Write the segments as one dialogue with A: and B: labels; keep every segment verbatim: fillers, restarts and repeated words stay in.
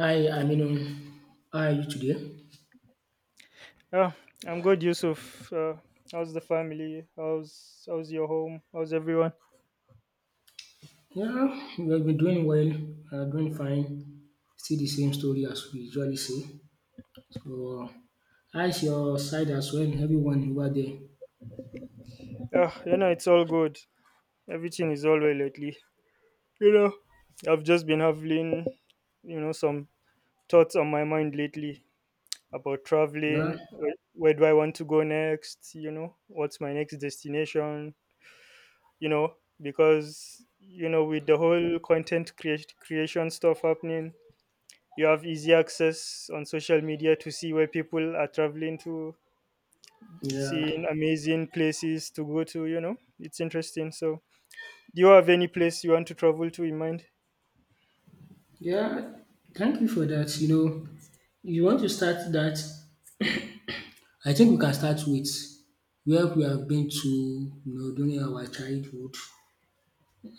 A: Hi, Aminu. How are you today?
B: Yeah, I'm good, Yusuf. Uh, how's the family? How's how's your home? How's everyone?
A: Yeah, we have been doing well. We doing fine. Still the same story as we usually say. So, how's your side as well? Everyone over there?
B: Yeah, you know it's all good. Everything is all well lately. You know, I've just been having, you know, some thoughts on my mind lately about
A: Yeah,
B: traveling. Where, where do I want to go next? You know, what's my next destination? You know, because you know with the whole content creat- creation stuff happening, you have easy access on social media to see where people are traveling to,
A: yeah,
B: seeing amazing places to go to, you know. It's interesting. So, do you have any place you want to travel to in mind?
A: yeah. Thank you for that. You know, you want to start that, I think we can start with where we have been to, you know, during our childhood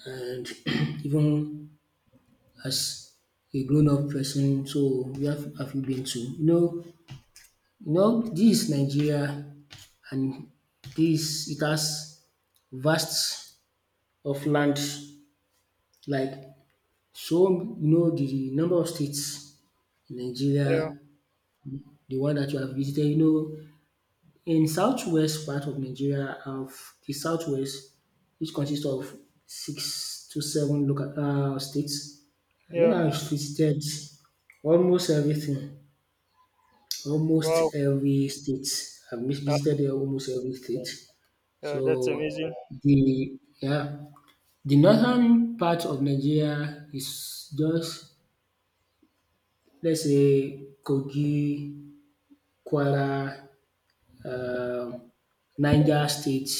A: and even as a grown up person. So, where have have you been to? You know, You know this is Nigeria and this it has vast of land like so you know the the number of states in Nigeria,
B: Yeah.
A: the one that you have visited. You know in southwest part of Nigeria of the southwest, which consists of six to seven local um states. I think
B: Yeah.
A: I've visited almost everything, almost
B: Wow.
A: every state. I've mis-
B: Ah,
A: visited almost every state. So
B: yeah, that's amazing.
A: the yeah, the northern part of Nigeria is just let's say Kogi, Kwara, um Niger State,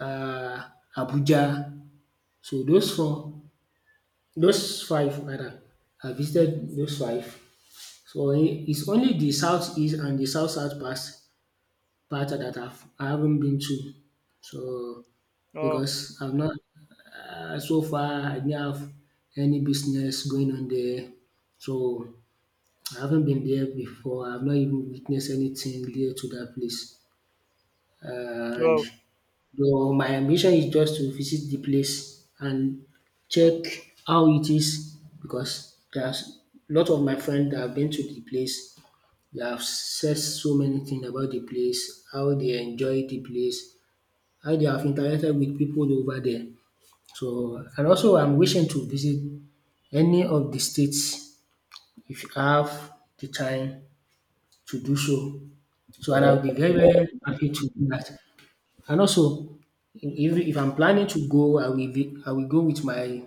A: um Abuja. So those four those five rather I visited those five. So it's only the southeast and the south south part Parts that I've I haven't been to. So
B: Oh,
A: because I've not uh, so far I didn't have any business going on there. So I haven't been there before. I've not even witnessed anything related to that place. And
B: wow.
A: though my ambition is just to visit the place and check how it is because there's a lot of my friends that have been to the place, they have said so many things about the place, how they enjoy the place, how they have interacted with people over there. So and also I'm wishing to visit any of the states if you have the time to do so. So and I'll be very, very happy to do that. And also if, if I'm planning to go, I will be, I will go with my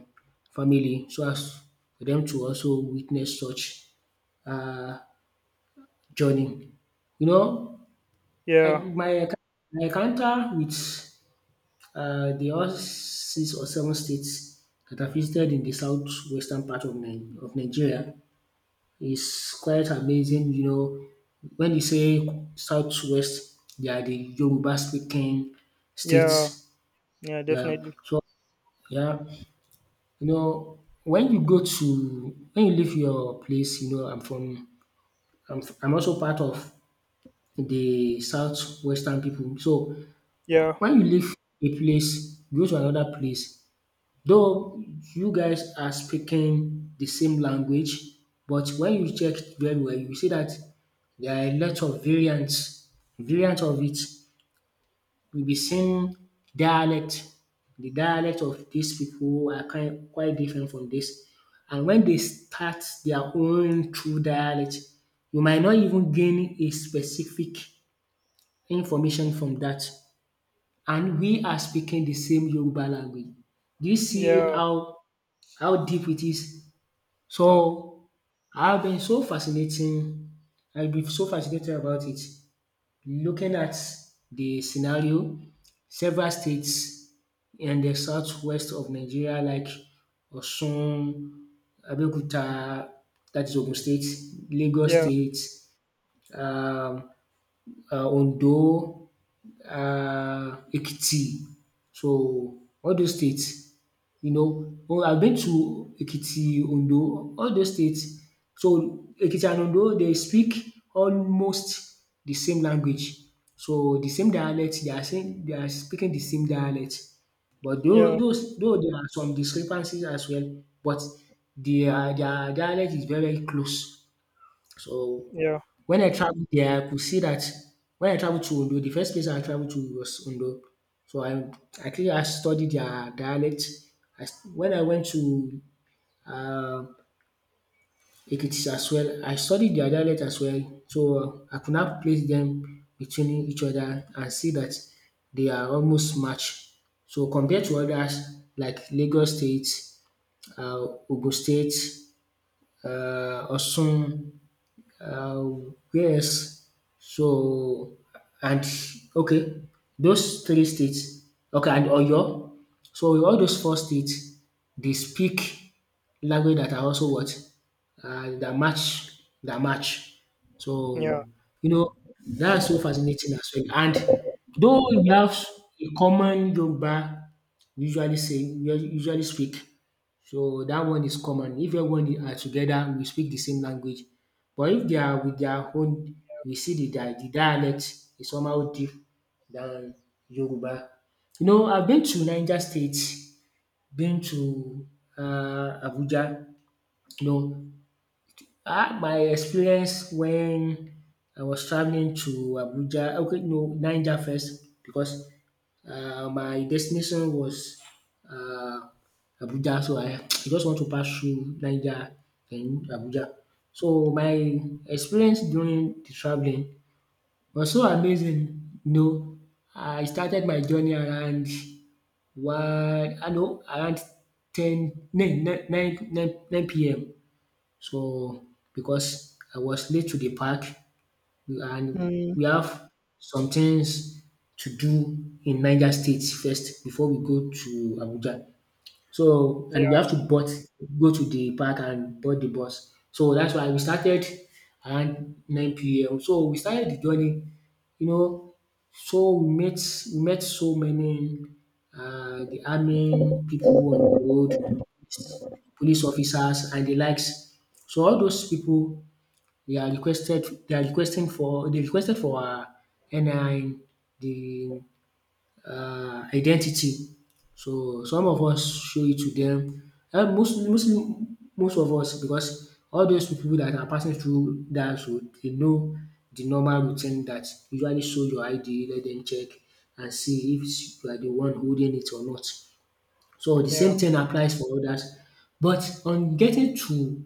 A: family so as for them to also witness such uh, journey. You know, I,
B: Yeah.
A: my enc- my encounter with uh, the all six or seven states that I visited in the southwestern part of, Ni- of Nigeria is quite amazing. You know, when you say southwest, they are the Yoruba speaking
B: Yeah.
A: states.
B: Yeah,
A: Yeah.
B: definitely.
A: So yeah, you know, when you go to when you leave your place, you know, I'm from I'm, I'm also part of the southwestern people. So
B: Yeah.
A: when you leave a place go to another place, though you guys are speaking the same language, but when you check very well you see that there are a lot of variants variant of it. You'll be seeing dialect. The dialect of these people are kind quite different from this, and when they start their own true dialect, you might not even gain a specific information from that, and we are speaking the same Yoruba language. Do you see
B: Yeah.
A: how how deep it is?
B: Ah,
A: So I've been so fascinating. I've been so fascinated about it. Looking at the scenario, several states in the southwest of Nigeria, like Osun, Abeokuta, that is Ogun State, Lagos
B: yeah.
A: State, um, uh, Ondo, Uh, Ekiti. So all those states, you know, oh I've been to Ekiti, Ondo, all those states. So Ekiti and Ondo they speak almost the same language. So the same dialect, they are saying they are speaking the same dialect. But though
B: Yeah.
A: those though there are some discrepancies as well, but their their dialect is very, very close. So
B: Yeah.
A: when I traveled there, I could see that when I traveled to Ondo, the first place I traveled to was Ondo. So I actually I studied their dialect. I, s- when I went to uh, Ekiti as well, I studied their dialect as well. So uh, I could not place them between each other and see that they are almost matched. So compared to others like Lagos State, uh, Ogun State, uh, Osun, Uh, yes. So and okay, those three states. Okay, and Oyo. So in all those four states, they speak language that are also what uh, that match that match.
B: Yeah.
A: So you know that's so fascinating as well. And though we have a common Yoruba, we usually say we usually speak. So that one is common. If everyone are together, we speak the same language. But if they are with their own, we see the dia the dialect is somehow deep than Yoruba. You know, I've been to Niger State, been to um Abuja. You know, um my experience when I was travelling to Abuja okay no Niger first because uh, my destination was uh, Abuja, so I, I just want to pass through Niger and Abuja. So my experience during the traveling was so amazing. You know, I started my journey around one, I know around ten, nine, nine, nine, nine p m. So because I was late to the park, and
B: Mm.
A: we have some things to do in Niger State first before we go to Abuja. So and we
B: Yeah.
A: have to board go to the park and board the bus. So that's why we started around nine p m. So we started the journey, you know, so we met we met so many uh, the army people on the road, police officers and the likes. So all those people they are requested they are requesting for they requested for her N I N, the um identity. So some of us show it to them. um mostly mostly most of us because all those people that are passing through dat road they know the normal routine that usually show your I D, let them check and see if you are the one holding it or not. So the
B: Yeah.
A: same thing applies for others. But on getting to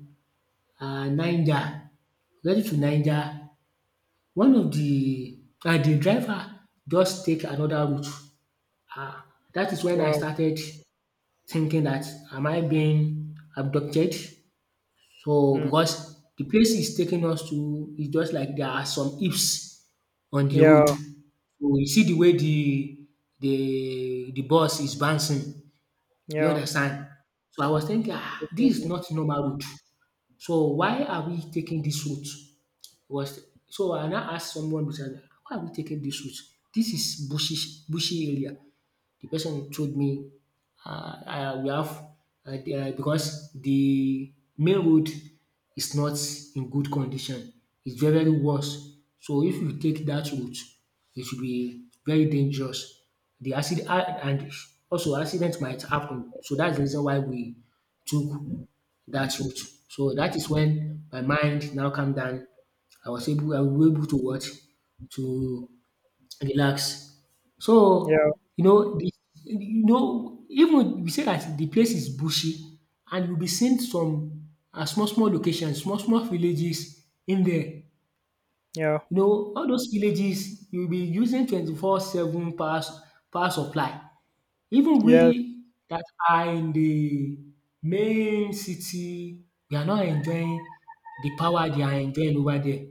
A: um Niger, getting to Niger one of the and the driver just take another route. um Dat is when I
B: Wow.
A: started thinking that am I being abducted? So
B: Mm.
A: because the place is taking us to is just like there are some heaps on the road.
B: Yeah.
A: So you see the way the the the bus is bouncing, do you
B: Yeah.
A: understand? So I was thinking um dis is
B: Definitely.
A: not normal route. So why are we taking this route? Was so I now ask someone beside me, why are we taking this route? This is bushy bushy area, the person told me "Uh, uh, we have uh, the- uh, because the main road is not in good condition, it's very very worse. So if you take that route it will be very dangerous. The acci and also accident might happen, so that's the reason why we took that route. So that is when my mind now calm down. I was able I was able to watch To relax.
B: Yeah.
A: So you know the you know even we say that the place is bushy and you will be seeing some um small small locations, small small villages in there.
B: Yeah.
A: You know all those villages you will be using twenty-four seven power s- power supply. Even
B: Yes.
A: we that are in the main city, we are not enjoying the power they are enjoying over there.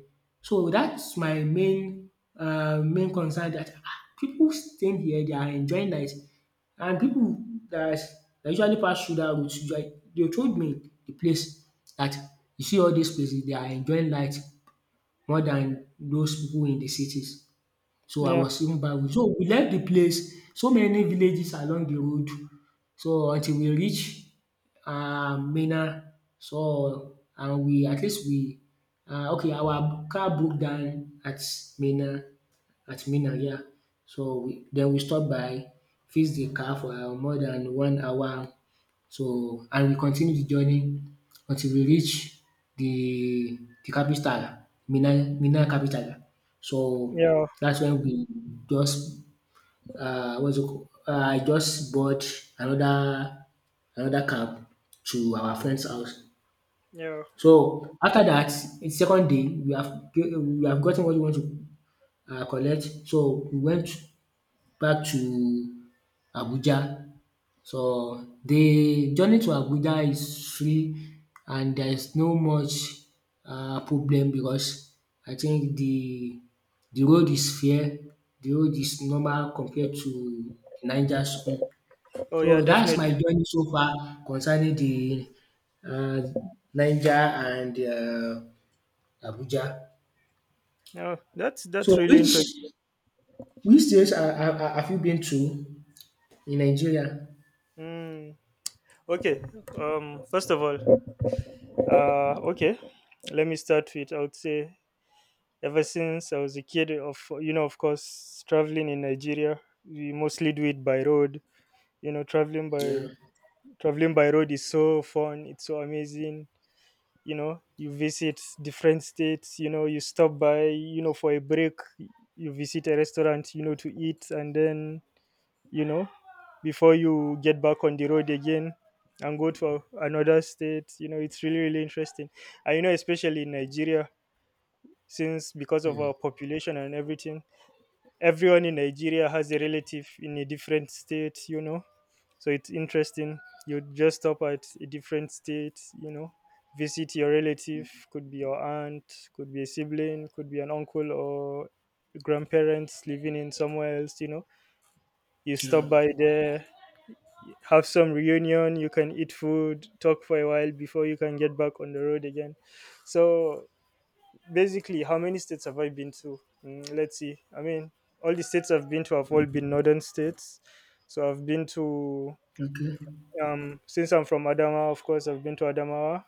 A: So that's my main um main concern that ah pipu staying here they are enjoying life, and people that that usually pass through that route usually- they told me the place that you see all these places they are enjoying life more than those people in the cities. So I
B: Yeah.
A: was even bawling. So we left the place, so many villages along the road. So until we reach um Minna. So and we at least we uh, okay our car broke down at Minna at Minna yeah. So we then we stop by fix the car for uh, more than one hour. So and we continue the journey until we reach the the capital Minna Minna capital. So
B: Yeah.
A: that's when we just um what's it called Uh, I just board another another cab to our friend's house.
B: Yeah.
A: So after that it's second day we have ge- we have gotten what we want to um collect, so we went back to Abuja. So the journey to Abuja is free and there is no much um problem because I think the the road is fair, the road is normal compared to Niger zone.
B: Oh, yeah,
A: So that's my
B: definitely.
A: journey so far concerning the um Niger and um Abuja.
B: Yeah, that's that's
A: So
B: really
A: which
B: interesting.
A: which states ha ha ha have you been to in Nigeria?
B: Mm. Okay. Um. First of all, uh. Okay. Let me start with. I would say ever since I was a kid, of you know, of course, traveling in Nigeria, we mostly do it by road. You know, traveling by traveling by road is so fun. It's so amazing. You know, you visit different states. You know, you stop by. You know, for a break, you visit a restaurant. You know, to eat, and then you know, before you get back on the road again and go to another state. You know, it's really, really interesting. And, you know, especially in Nigeria, since because of our population and everything, everyone in Nigeria has a relative in a different state, you know. So it's interesting. You just stop at a different state, you know, visit your relative, could be your aunt, could be a sibling, could be an uncle or grandparents living in somewhere else, you know. You
A: Yeah,
B: stop by there, have some reunion, you can eat food, talk for a while before you can get back on the road again. So basically, how many states have I been to? Mm, let's see, I mean, all the states I've been to have all been northern states. So I've been to
A: okay,
B: um since I'm from Adamawa, of course I've been to Adamawa.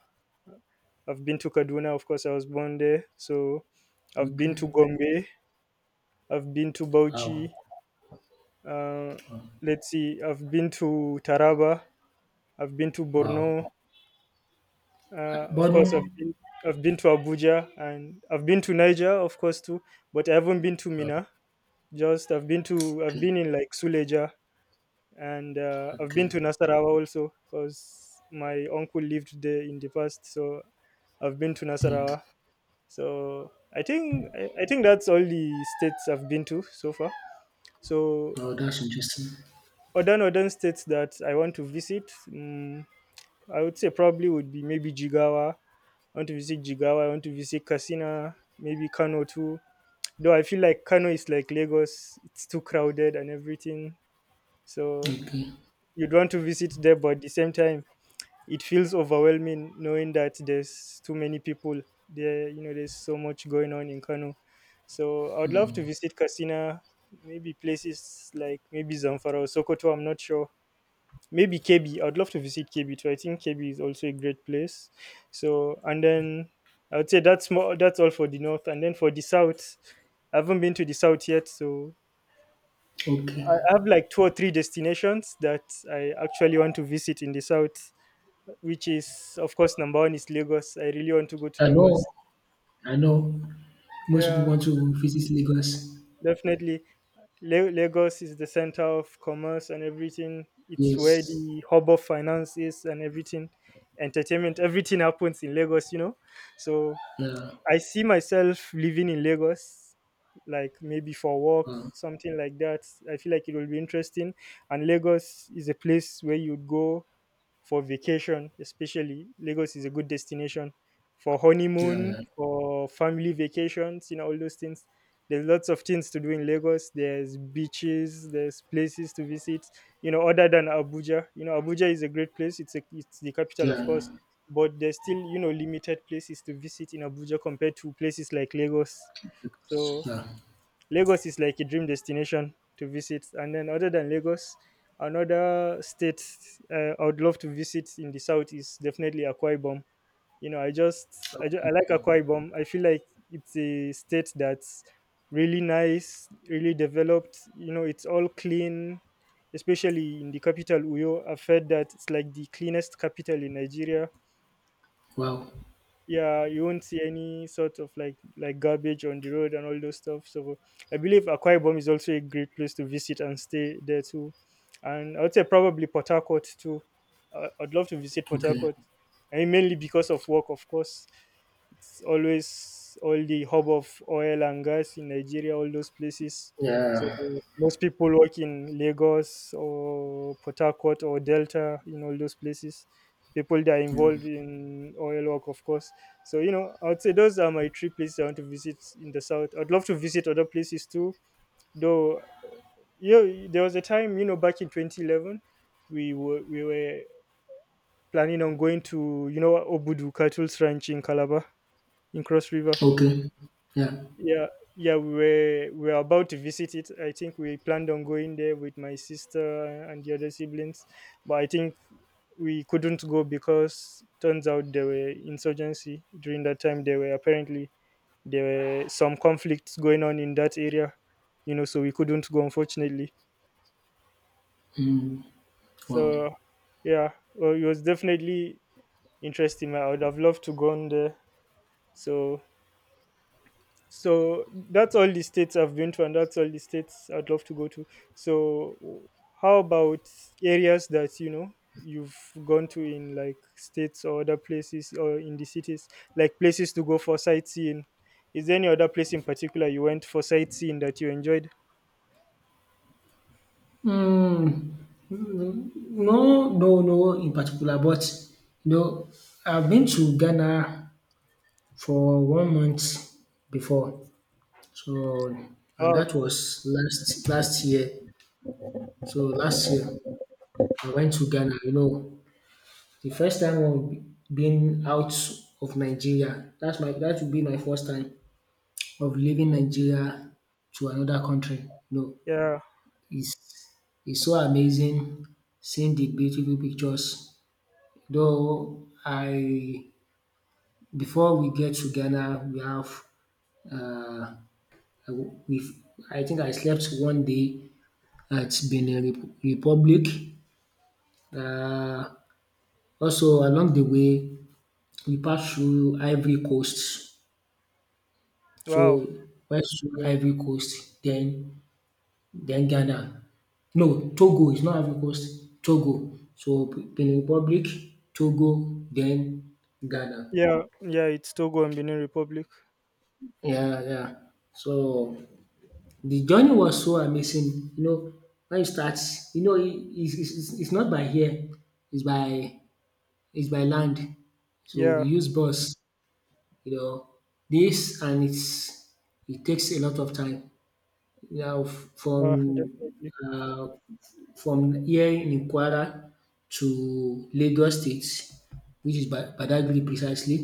B: I've been to Kaduna, of course I was born there, so I've been to
A: okay.
B: Gombe. I've been to
A: Wow,
B: Bauchi. uh, let's see, I've been to Taraba, I've been to Borno.
A: wow.
B: Uh, of course, I've
A: Burden,
B: been, I've been to Abuja, and I've been to Niger, of course, too, but I haven't been to
A: oh,
B: Mina. Just I've been to I've
A: okay,
B: been in like Suleja, and uh, I've been
A: okay,
B: to Nasarawa also because my uncle lived there in the past, so I've been to
A: okay.
B: Nasarawa. So I think I, I think that's all the states I've been to so far. So
A: Oh, that's interesting.
B: other northern states that I want to visit. mm I would say probably would be maybe Jigawa. I want to visit Jigawa. I want to visit Kasina, maybe Kano too. Though I feel like Kano is like Lagos, it's too crowded and everything. So
A: Okay,
B: you'd want to visit there, but at the same time, it feels overwhelming knowing that there's too many people there. You know, there's so much going on in Kano. So I would love to visit Kasina, maybe places like maybe Zamfara or Sokoto. I'm not sure, maybe K B. I'd love to visit K B too. I think K B is also a great place. So and then I would say that's more that's all for the north. And then for the south, I haven't been to the south yet, so I I
A: okay.
B: have like two or three destinations that I actually want to visit in the south, which is of course number one is Lagos. I really want to go to
A: I
B: Lagos.
A: know, I know. Most people
B: Yeah,
A: want to visit Lagos.
B: definitely. La- Lagos is the center of commerce and everything. It's where
A: Yes.
B: the hub of finance is and everything, entertainment, everything happens in Lagos, you know. So
A: Yeah,
B: I see myself living in Lagos, like maybe for work, something like that. I feel like it will be interesting. And Lagos is a place where you'd go for vacation, especially. Lagos is a good destination for
A: yeah,
B: honeymoon,
A: yeah,
B: for family vacations, you know, all those things. There's lots of things to do in Lagos. There's beaches, there's places to visit, you know, other than Abuja. You know, Abuja is a great place. It's a, it's the capital, of course,
A: yeah,
B: but there's still, you know, limited places to visit in Abuja compared to places like Lagos. So
A: yeah.
B: Lagos is like a dream destination to visit. And then, other than Lagos, another state, uh, I would love to visit in the south is definitely Akwa Ibom. You know, I just I, ju- I like Akwa Ibom. I feel like it's a state that's really nice, really developed. You know, it's all clean, especially in the capital Uyo. I've heard that it's like the cleanest capital in Nigeria.
A: Wow.
B: Yeah, you won't see any sort of like like garbage on the road and all those stuff, so I believe Akwa Ibom is also a great place to visit and stay there too. And I would say probably Port Harcourt too. uh, I'd love to visit Port
A: Okay.
B: Harcourt. I mean, mainly because of work, of course. It's always all the hub of oil and gas in Nigeria, all those places. So
A: Yeah.
B: most people work in Lagos or Port Harcourt or Delta, in all those places, people that are
A: yeah.
B: involved in oil work, of course. So you know I would say those are my three places I want to visit in the south. I'd love to visit other places too, though. You know, there was a time, you know back in twenty eleven, we were we were planning on going to you know Obudu Cattle's Ranch in Calabar, in Cross River.
A: Okay. Yeah.
B: Yeah, yeah, we were we were about to visit it. I think we planned on going there with my sister and the other siblings, but I think we couldn't go because turns out there were insurgency during that time. There were apparently there were some conflicts going on in that area, you know, so we couldn't go unfortunately.
A: Mm. Wow.
B: So yeah, well, it was definitely interesting. I would have loved to go on there. So so that's all the states I've been to, and that's all the states I'd love to go to. So how about areas that you know you've gone to in like states or other places or in the cities, like places to go for sightseeing? Is there any other place in particular you went for sightseeing that you enjoyed?
A: Mm. No, no, no, in particular. But you know, I've been to Ghana for one month before. So, and
B: Wow.
A: that was last last year. So last year I went to Ghana. You know, the first time of being out of Nigeria. That's my that would be my first time of leaving Nigeria to another country. No,
B: Yeah.
A: it's it's so amazing seeing the beautiful pictures. Though I before we get to Ghana, we have uh, I we I think I slept one day at Benin Rep Republic. Um Also along the way, we passed through Ivory Coast. So
B: Wow.
A: went through Ivory Coast, then then Ghana. No, Togo, is not Ivory Coast, Togo. So P- Benin Republic, Togo, then Ghana.
B: Yeah. Yeah. It's Togo and Benin Republic.
A: Yeah, yeah. So the journey was so amazing, you know, when you start, you know, it, it's it's it's not by air, it's by it's by land. So we
B: Yeah.
A: use bus, you know, this and it's it takes a lot of time. Now f- from
B: Uh, definitely.
A: uh, from here in Kwara to Lagos State, which is Ba- Badagry precisely,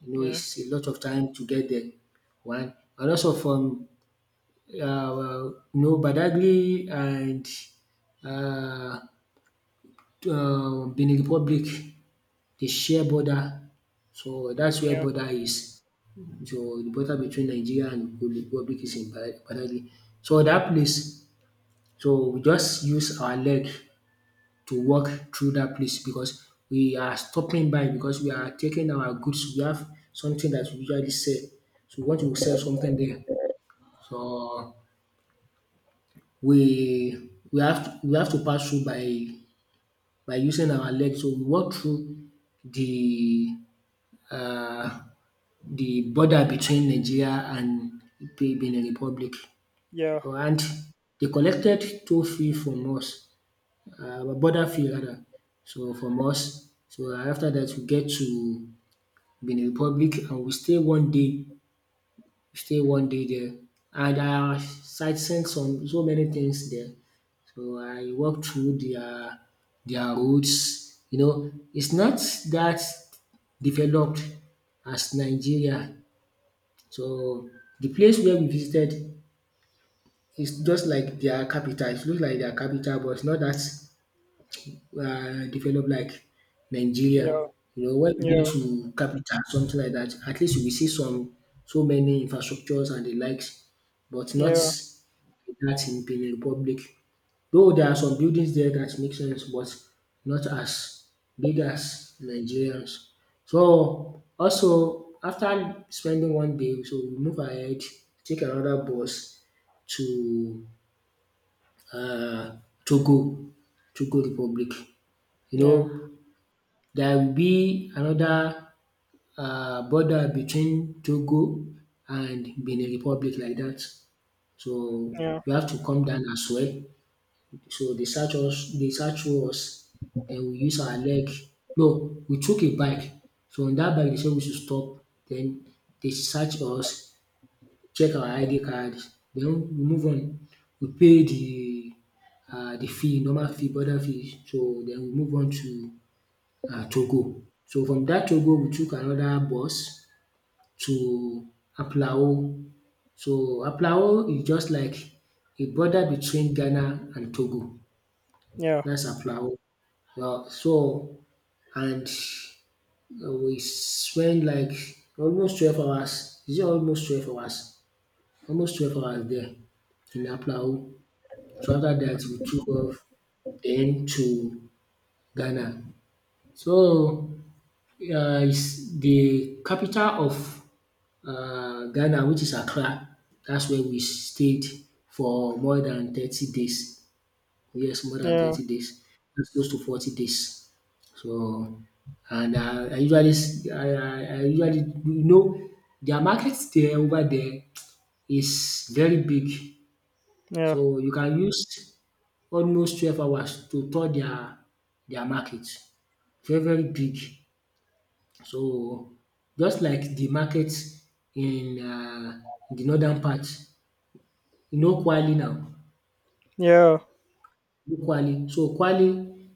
A: you know,
B: Yeah.
A: it's a lot of time to get there. One and also from uh, well, no Badagry and uh um Benin Republic dey share border. So that's where
B: Yeah.
A: border is. So the border between Nigeria and Benin Republic is in Ba- Badagry. So that place, so we just use our leg to walk through that place because we are stopping by because we are taking our goods. We have something that we usually sell. So we want to sell something there. So we we have to we have to pass through by by using our legs. So we walk through the um the border between Nigeria and Benin Republic.
B: Yeah.
A: So, and they collected two fee from us, um, border fee rather, so from us. So after that we get to Benin Republic and we stay one day stay one day there. And I sight seen some so many things there. So I walked through their their roads. You know, it's not that developed as Nigeria. So the place where we visited is just like their capital. It looks like their capital, but it's not that uh, developed like Nigeria.
B: Yeah.
A: You know, when you
B: Yeah.
A: get to capital, something like that, at least you will see some so many infrastructures and the likes, but not
B: Yeah.
A: that in Benin Republic. Though there are some buildings there that make sense, but not as big as Nigerians. So also after spending one day, so we move ahead, take another bus to uh, Togo, Togo Republic. You
B: Yeah.
A: know, there will be another um border between Togo and Benin Republic like dat. So
B: Yeah.
A: we have to come down as well. So they search us they search through us, den we use our leg, no we took a bike, so on dat bike dey say we should stop, den dey search us, check our I D card, den we move on. We pay the um the fee, normal fee, border fee, so den we move on to um Togo. So from that Togo we took another bus to Apulao. So Apulao is just like a border between Ghana and Togo,
B: Yeah.
A: that's Apulao. um So and uh, we spent like almost twelve hours, is it almost twelve hours? Almost twelve hours there in Apulao. So after that, we took off then to Ghana. So Uh, is the capital of uh, Ghana, which is Accra. That's where we stayed for more than thirty days. Yes, more than
B: Yeah.
A: thirty days. That's close to forty days. So, and uh, I usually, s- I, I, I usually, you know, their market there over there is very big.
B: Yeah.
A: So you can use almost twelve hours to tour their, their market. Very, very big. So just like the market in um de northern part, you know, Kwali now,
B: Yeah.
A: you know Kwali, so Kwali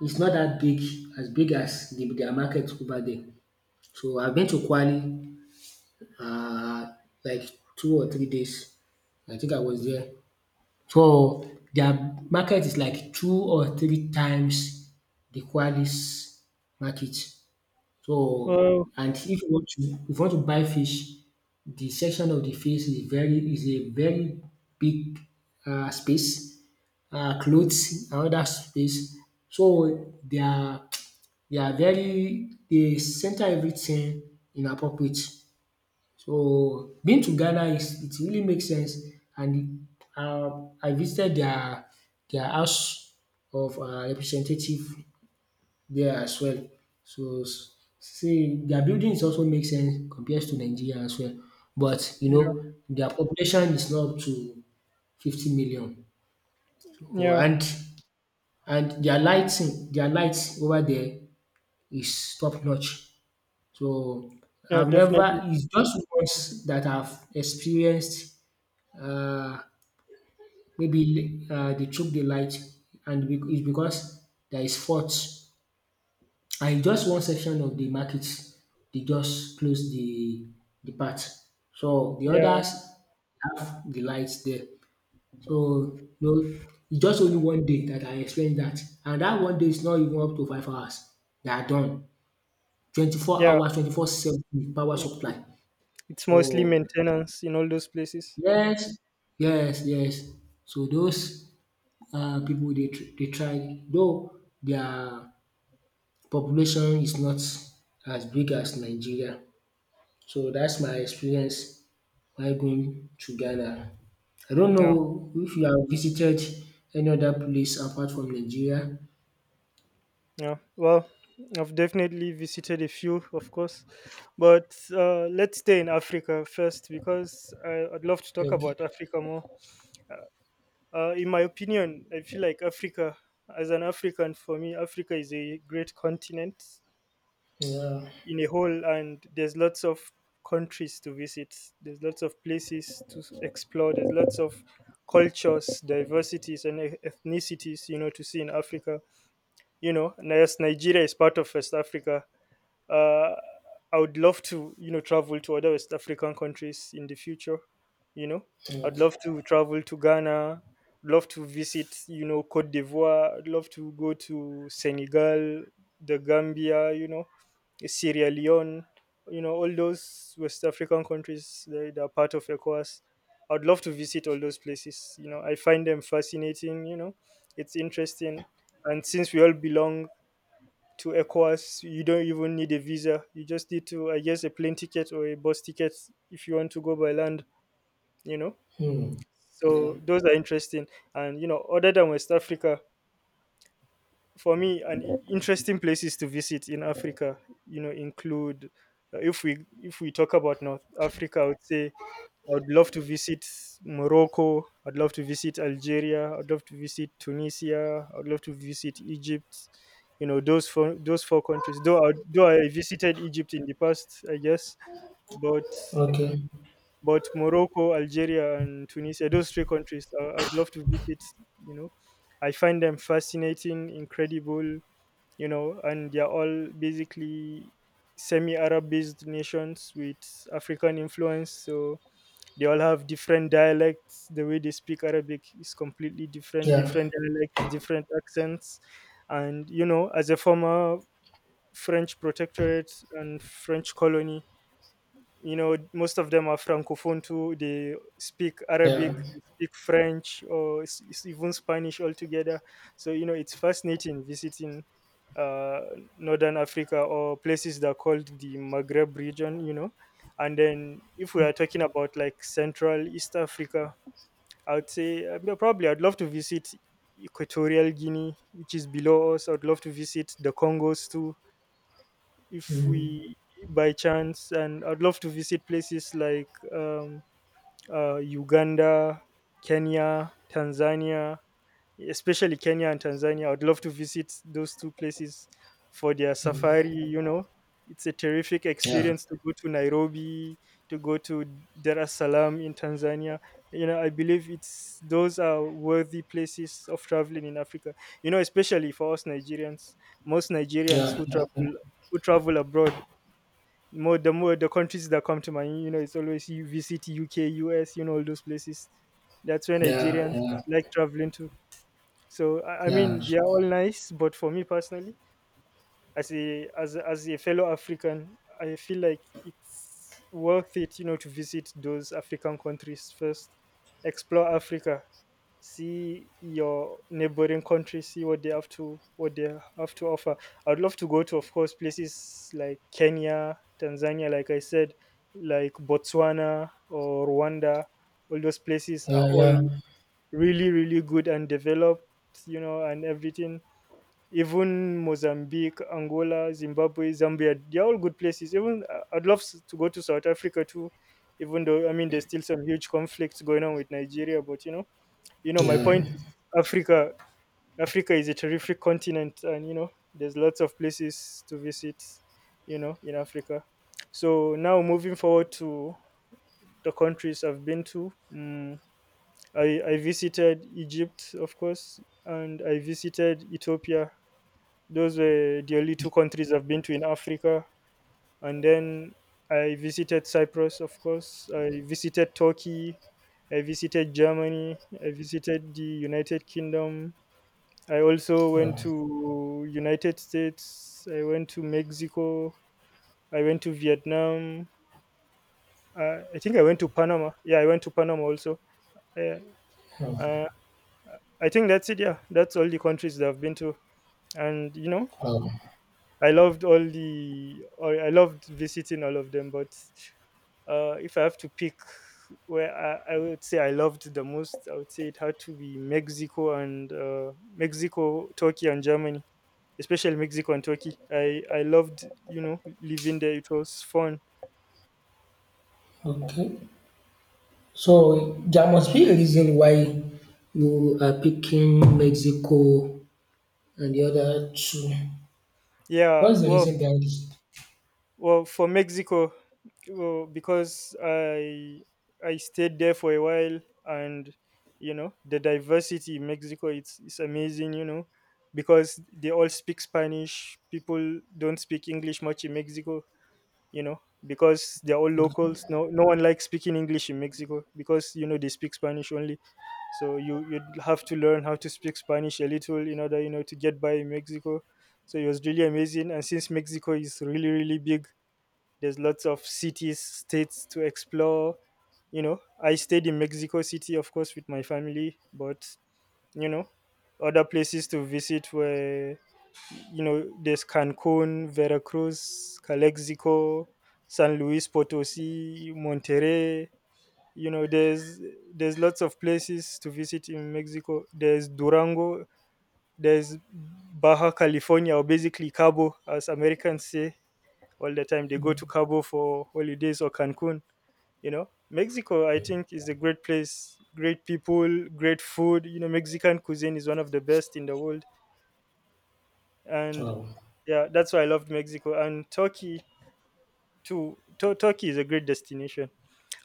A: is not that big as big as the dia market over there. So I been to Kwali um like two or three days, I think I was there. So their market is like two or three times the Kwali's market. So,
B: Well.
A: and if you want to if you want to buy fish, the section of the fish is very is a very big uh, space, uh, clothes and other space. So they are they are very they center everything in appropriate. So being to Ghana is it really makes sense and uh, I visited their their house of um representative there as well. So s- see their buildings also make sense compares to Nigeria as well. But you know
B: Yeah.
A: their population is not up to fifty million or
B: Yeah.
A: and and their lighting their lights over there is top notch. So
B: Yeah.
A: I've
B: Definitely.
A: never, it's just once that I've experienced uh maybe uh they took the light and be- it's because there is fault and in just one section of the market they just close the the part. So the
B: Yeah.
A: others have the lights there. So no, it's just only one day that I explained that, and that one day is not even up to five hours. They are done. twenty-four
B: Yeah.
A: hours, twenty-four seven with power
B: It- it-
A: supply.
B: It's mostly
A: So
B: maintenance in all those places.
A: yes, yes, yes. So those uh, people they tr- they try though their population is not as big as Nigeria. So that's my experience while going to Ghana. I don't
B: Yeah.
A: know if you have visited any other place apart from Nigeria.
B: Yeah, well, I've definitely visited a few, of course, but uh, let's stay in Africa first because I, I'd love to talk
A: Okay.
B: about Africa more. Uh, in my opinion, I feel like Africa, as an African, for me, Africa is a great continent
A: Yeah.
B: in a whole, and there's lots of countries to visit, there's lots of places to explore, there's lots of cultures, diversities, and e-, ethnicities, you know, to see in Africa. You know, and yes, Nigeria is part of West Africa. uh, I would love to, you know, travel to other West African countries in the future. You know,
A: Okay.
B: I'd love to travel to Ghana. Love to visit, you know, Cote d'Ivoire. I'd love to go to Senegal, the Gambia. You know, Sierra Leone. You know, all those West African countries, they, they are part of ECOWAS. I'd love to visit all those places. You know, I find them fascinating. You know, it's interesting, and since we all belong to ECOWAS. You don't even need a visa. You just need to, I guess, a plane ticket or a bus ticket if you want to go by land, you know?
A: Hmm. Yeah.
B: So those are interesting. And, you know, other than West Africa, for me, an i- interesting places to visit in Africa, you know, include uh, if we if we talk about North Africa, I would say I would love to visit Morocco. I'd love to visit Algeria. I'd love to visit Tunisia. I'd love to visit Egypt. You know, those four those four countries. Though I, though I visited Egypt in the past, I guess, but
A: Okay.
B: but Morocco, Algeria, and Tunisia, those three countries, I, I'd love to visit. You know, I find them fascinating, incredible. You know, and they're all basically semi-Arab based nations with African influence. So they all have different dialects. The way they speak Arabic is completely different.
A: Yeah.
B: Different dialects, different accents. And you know, as a former French protectorate and French colony, you know, most of them are francophone too. They speak Arabic,
A: Yeah.
B: they speak French, or s- s- even Spanish altogether. So you know, it's fascinating visiting uh, northern Africa, or places that are called the Maghreb region, you know. And then if we are talking about like central east Africa, I would say uh, yeah, probably I'd love to visit Equatorial Guinea, which is below us. I'd love to visit the Congos too, if
A: Hmm.
B: we by chance. And I'd love to visit places like um, uh, Uganda, Kenya, Tanzania. Especially Kenya and Tanzania, I'd love to visit those two places for their safari, you know. It's a terrific
A: Yeah.
B: experience to go to Nairobi, to go to Dar es Salaam in Tanzania. You know, I believe it's those are worthy places of traveling in Africa, you know, especially for us Nigerians. Most Nigerians
A: Yeah.
B: who
A: Yeah.
B: travel, who travel abroad, more the more the countries that come to mind, you know, it's always you visit U K, you know, all those places. That's where
A: Yeah. Yeah.
B: Nigerians
A: Yeah.
B: like traveling to. So I I
A: Yeah.
B: mean, they are all nice, but for me personally, as a as a- as a fellow African, I feel like it's worth it, you know, to visit those African countries first, explore Africa, see your neighboring countries, see what they have to what they have to offer. I'd love to go to, of course, places like Kenya, Tanzania, like I said, like Botswana or Rwanda. All those places are all
A: Yeah.
B: really, really good and developed, you know, and everything. Even Mozambique, Angola, Zimbabwe, Zambia. They're all good places. Even I- I'd love s- to go to South Africa too, even though I mean there's still some huge conflicts going on with Nigeria. But you know, you know, my point
A: Yeah.
B: is Africa. Africa is a terrific continent, and you know, there's lots of places to visit. You know, in Africa. So now moving forward to the countries I've been to, mm I, I visited Egypt, of course, and I visited Ethiopia. Those were the only two countries I've been to in Africa. And then I visited Cyprus, of course. I visited Turkey. I visited Germany. I visited the United Kingdom. I also went
A: Yeah.
B: to United States. I went to Mexico. I went to Vietnam. Uh, I think I went to Panama. Yeah, I went to Panama also. Yeah.
A: Oh,
B: Uh, I think that's it. Yeah, that's all the countries that I've been to. And you know,
A: oh,
B: I loved all the. or I loved visiting all of them, but uh, if I have to pick where I, I would say I loved the most, I would say it had to be Mexico and uh, Mexico, Turkey, and Germany, especially Mexico and Turkey. I I loved, you know, living there. It was fun.
A: oh. Okay. So there must be a reason why you are picking Mexico and the other two,
B: Yeah.
A: what's the
B: Well,
A: reason behind this?
B: Well, for Mexico, well, because I I stayed there for a while, and you know, the diversity in Mexico, it's it's amazing. You know, because they all speak Spanish. People don't speak English much in Mexico. You know, because they're all
A: Okay.
B: locals. No, No one likes speaking English in Mexico because you know, they speak Spanish only. So you you have to learn how to speak Spanish a little in order, you know, to get by in Mexico. So it was really amazing, and since Mexico is really, really big, there's lots of cities, states to explore. You know, I stayed in Mexico City, of course, with my family, but you know, other places to visit were, you know, there's Cancun, Veracruz, Calexico, San Luis Potosi, Monterrey. You know, there's there's lots of places to visit in Mexico. There's Durango, there's Baja California, or basically Cabo, as Americans say all the time. They go to Cabo for holidays or Cancun. You know, Mexico, I think, is a great place. Great people, great food. You know, Mexican cuisine is one of the best in the world, and
A: Oh,
B: yeah, that's why I loved Mexico and Turkey too. Tu- Turkey is a great destination.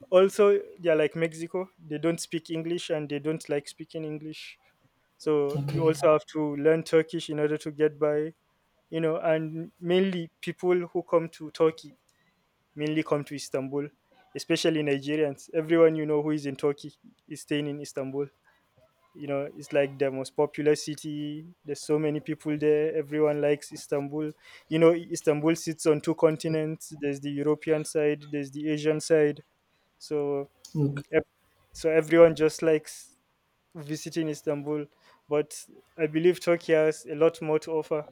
B: Also, yeah, like Mexico, they don't speak English and they don't like speaking English. So you
A: okay.
B: also have to learn Turkish in order to get by, you know, and mainly people who come to Turkey mainly come to Istanbul, especially Nigerians. Everyone you know who is in Turkey is staying in Istanbul. You know, it's like the most popular city. There's so many people there. Everyone likes Istanbul. You know, Istanbul sits on two continents. There's the European side, there's the Asian side. So,
A: Okay.
B: ev- so everyone just likes visiting Istanbul. But I believe Turkey has a lot more to offer.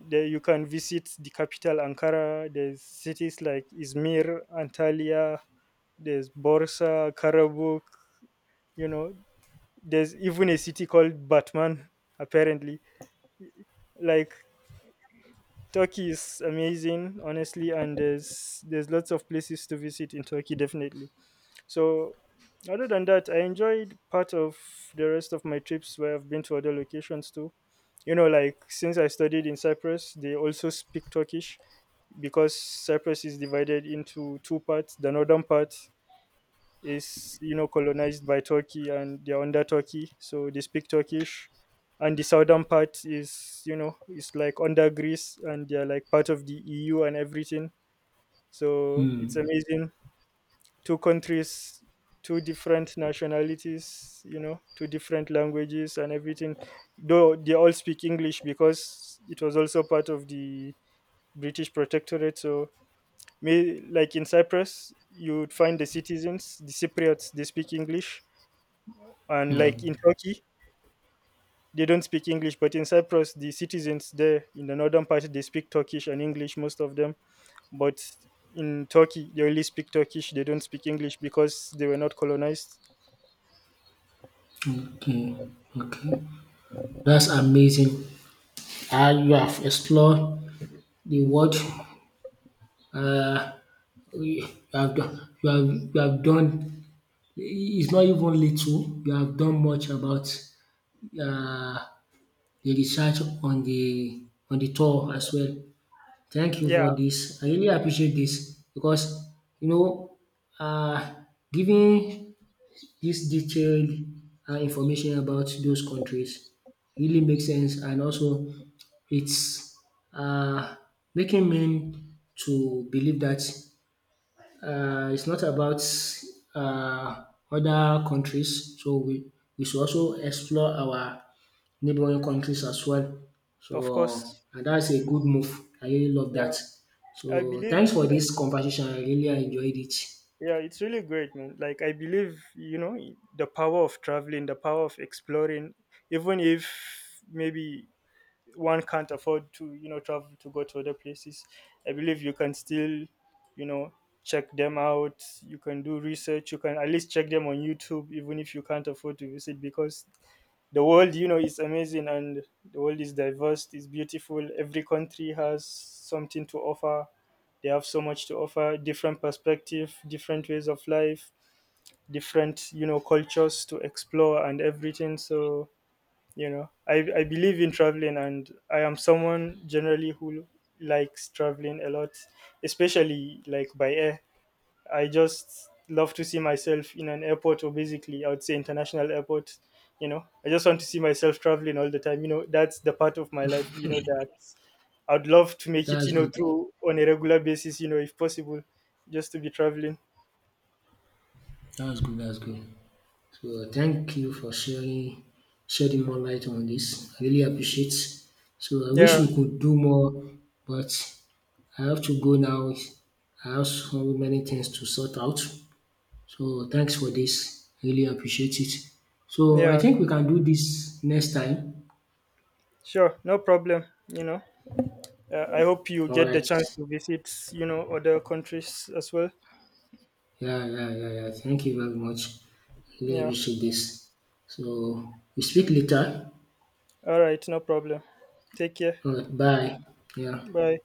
B: There you can visit the capital Ankara. There's cities like Izmir, Antalya, there's Borsa, Karabuk, you know, there's even a city called Batman, apparently. Like Turkey is amazing, honestly, and there's there's lots of places to visit in Turkey, definitely. So other than that, I enjoyed part of the rest of my trips where I've been to other locations too. You know, like since I studied in Cyprus, they also speak Turkish because Cyprus is divided into two parts. The northern part is, you know, colonized by Turkey, and they're under Turkey, so they speak Turkish. And the southern part is, you know, is like under Greece and they're like part of the E U and everything. So it's
A: Hmm.
B: amazing. Two countries, two different nationalities, you know, two different languages and everything. Though they all speak English because it was also part of the British protectorate. So, may, like in Cyprus, you would find the citizens, the Cypriots, they speak English, and
A: Yeah.
B: like in Turkey, they don't speak English, but in Cyprus, the citizens there in the northern part, they speak Turkish and English, most of them. But in Turkey, they only speak Turkish. They don't speak English because they were not colonized.
A: Okay. Okay. That's amazing. Uh, you have explored the world. Uh, you have done, you have, you have done, it's not even little, you have done much about uh, the research on the on the tour as well. Thank you
B: Yeah,
A: for this. I really appreciate this because you know um giving this detailed um information about those countries really makes sense and also it's um making men to believe that uh, it's not about uh, other countries. So we, we should also explore our neighboring countries as well.
B: of course.
A: So and that's a good move. I really love that.
B: Yeah, I
A: So
B: believe.
A: thanks for this conversation. I really enjoyed it.
B: Yeah, it's really great, man. Like I believe, you know, the power of traveling, the power of exploring, even if maybe one can't afford to, you know, travel to go to other places, I believe you can still, you know, check them out. You can do research. You can at least check them on YouTube, even if you can't afford to visit. Because the world, you know, is amazing, and the world is diverse, it's beautiful. Every country has something to offer. They have so much to offer, different perspective, different ways of life, different, you know, cultures to explore and everything. So you know, i i believe in traveling, and I am someone generally who likes traveling a lot, especially like by air. I just love to see myself in an airport, or basically I would say international airport. You know, I just want to see myself traveling all the time, you know. That's the part of my life, you know, that I'd love to make it,
A: That's
B: you know,
A: good.
B: through on a regular basis, you know, if possible. Just to be traveling.
A: That's good. That's good. So uh, thank you for sharing shedding more light on this. I really appreciate. So I wish
B: Yeah.
A: we could do more, but I have to go now. I have so many things to sort out. So thanks for this. I really appreciate it. So I
B: Yeah,
A: think we can do this next time.
B: sure, no problem, you know. uh, I hope you
A: All
B: get the
A: right.
B: chance to visit, you know, other countries as well.
A: Yeah, yeah, yeah, yeah. Thank you very much. Really
B: Yeah.
A: appreciate this. So we speak later.
B: All right, no problem. Take care.
A: All right. Bye. Yeah.
B: Bye.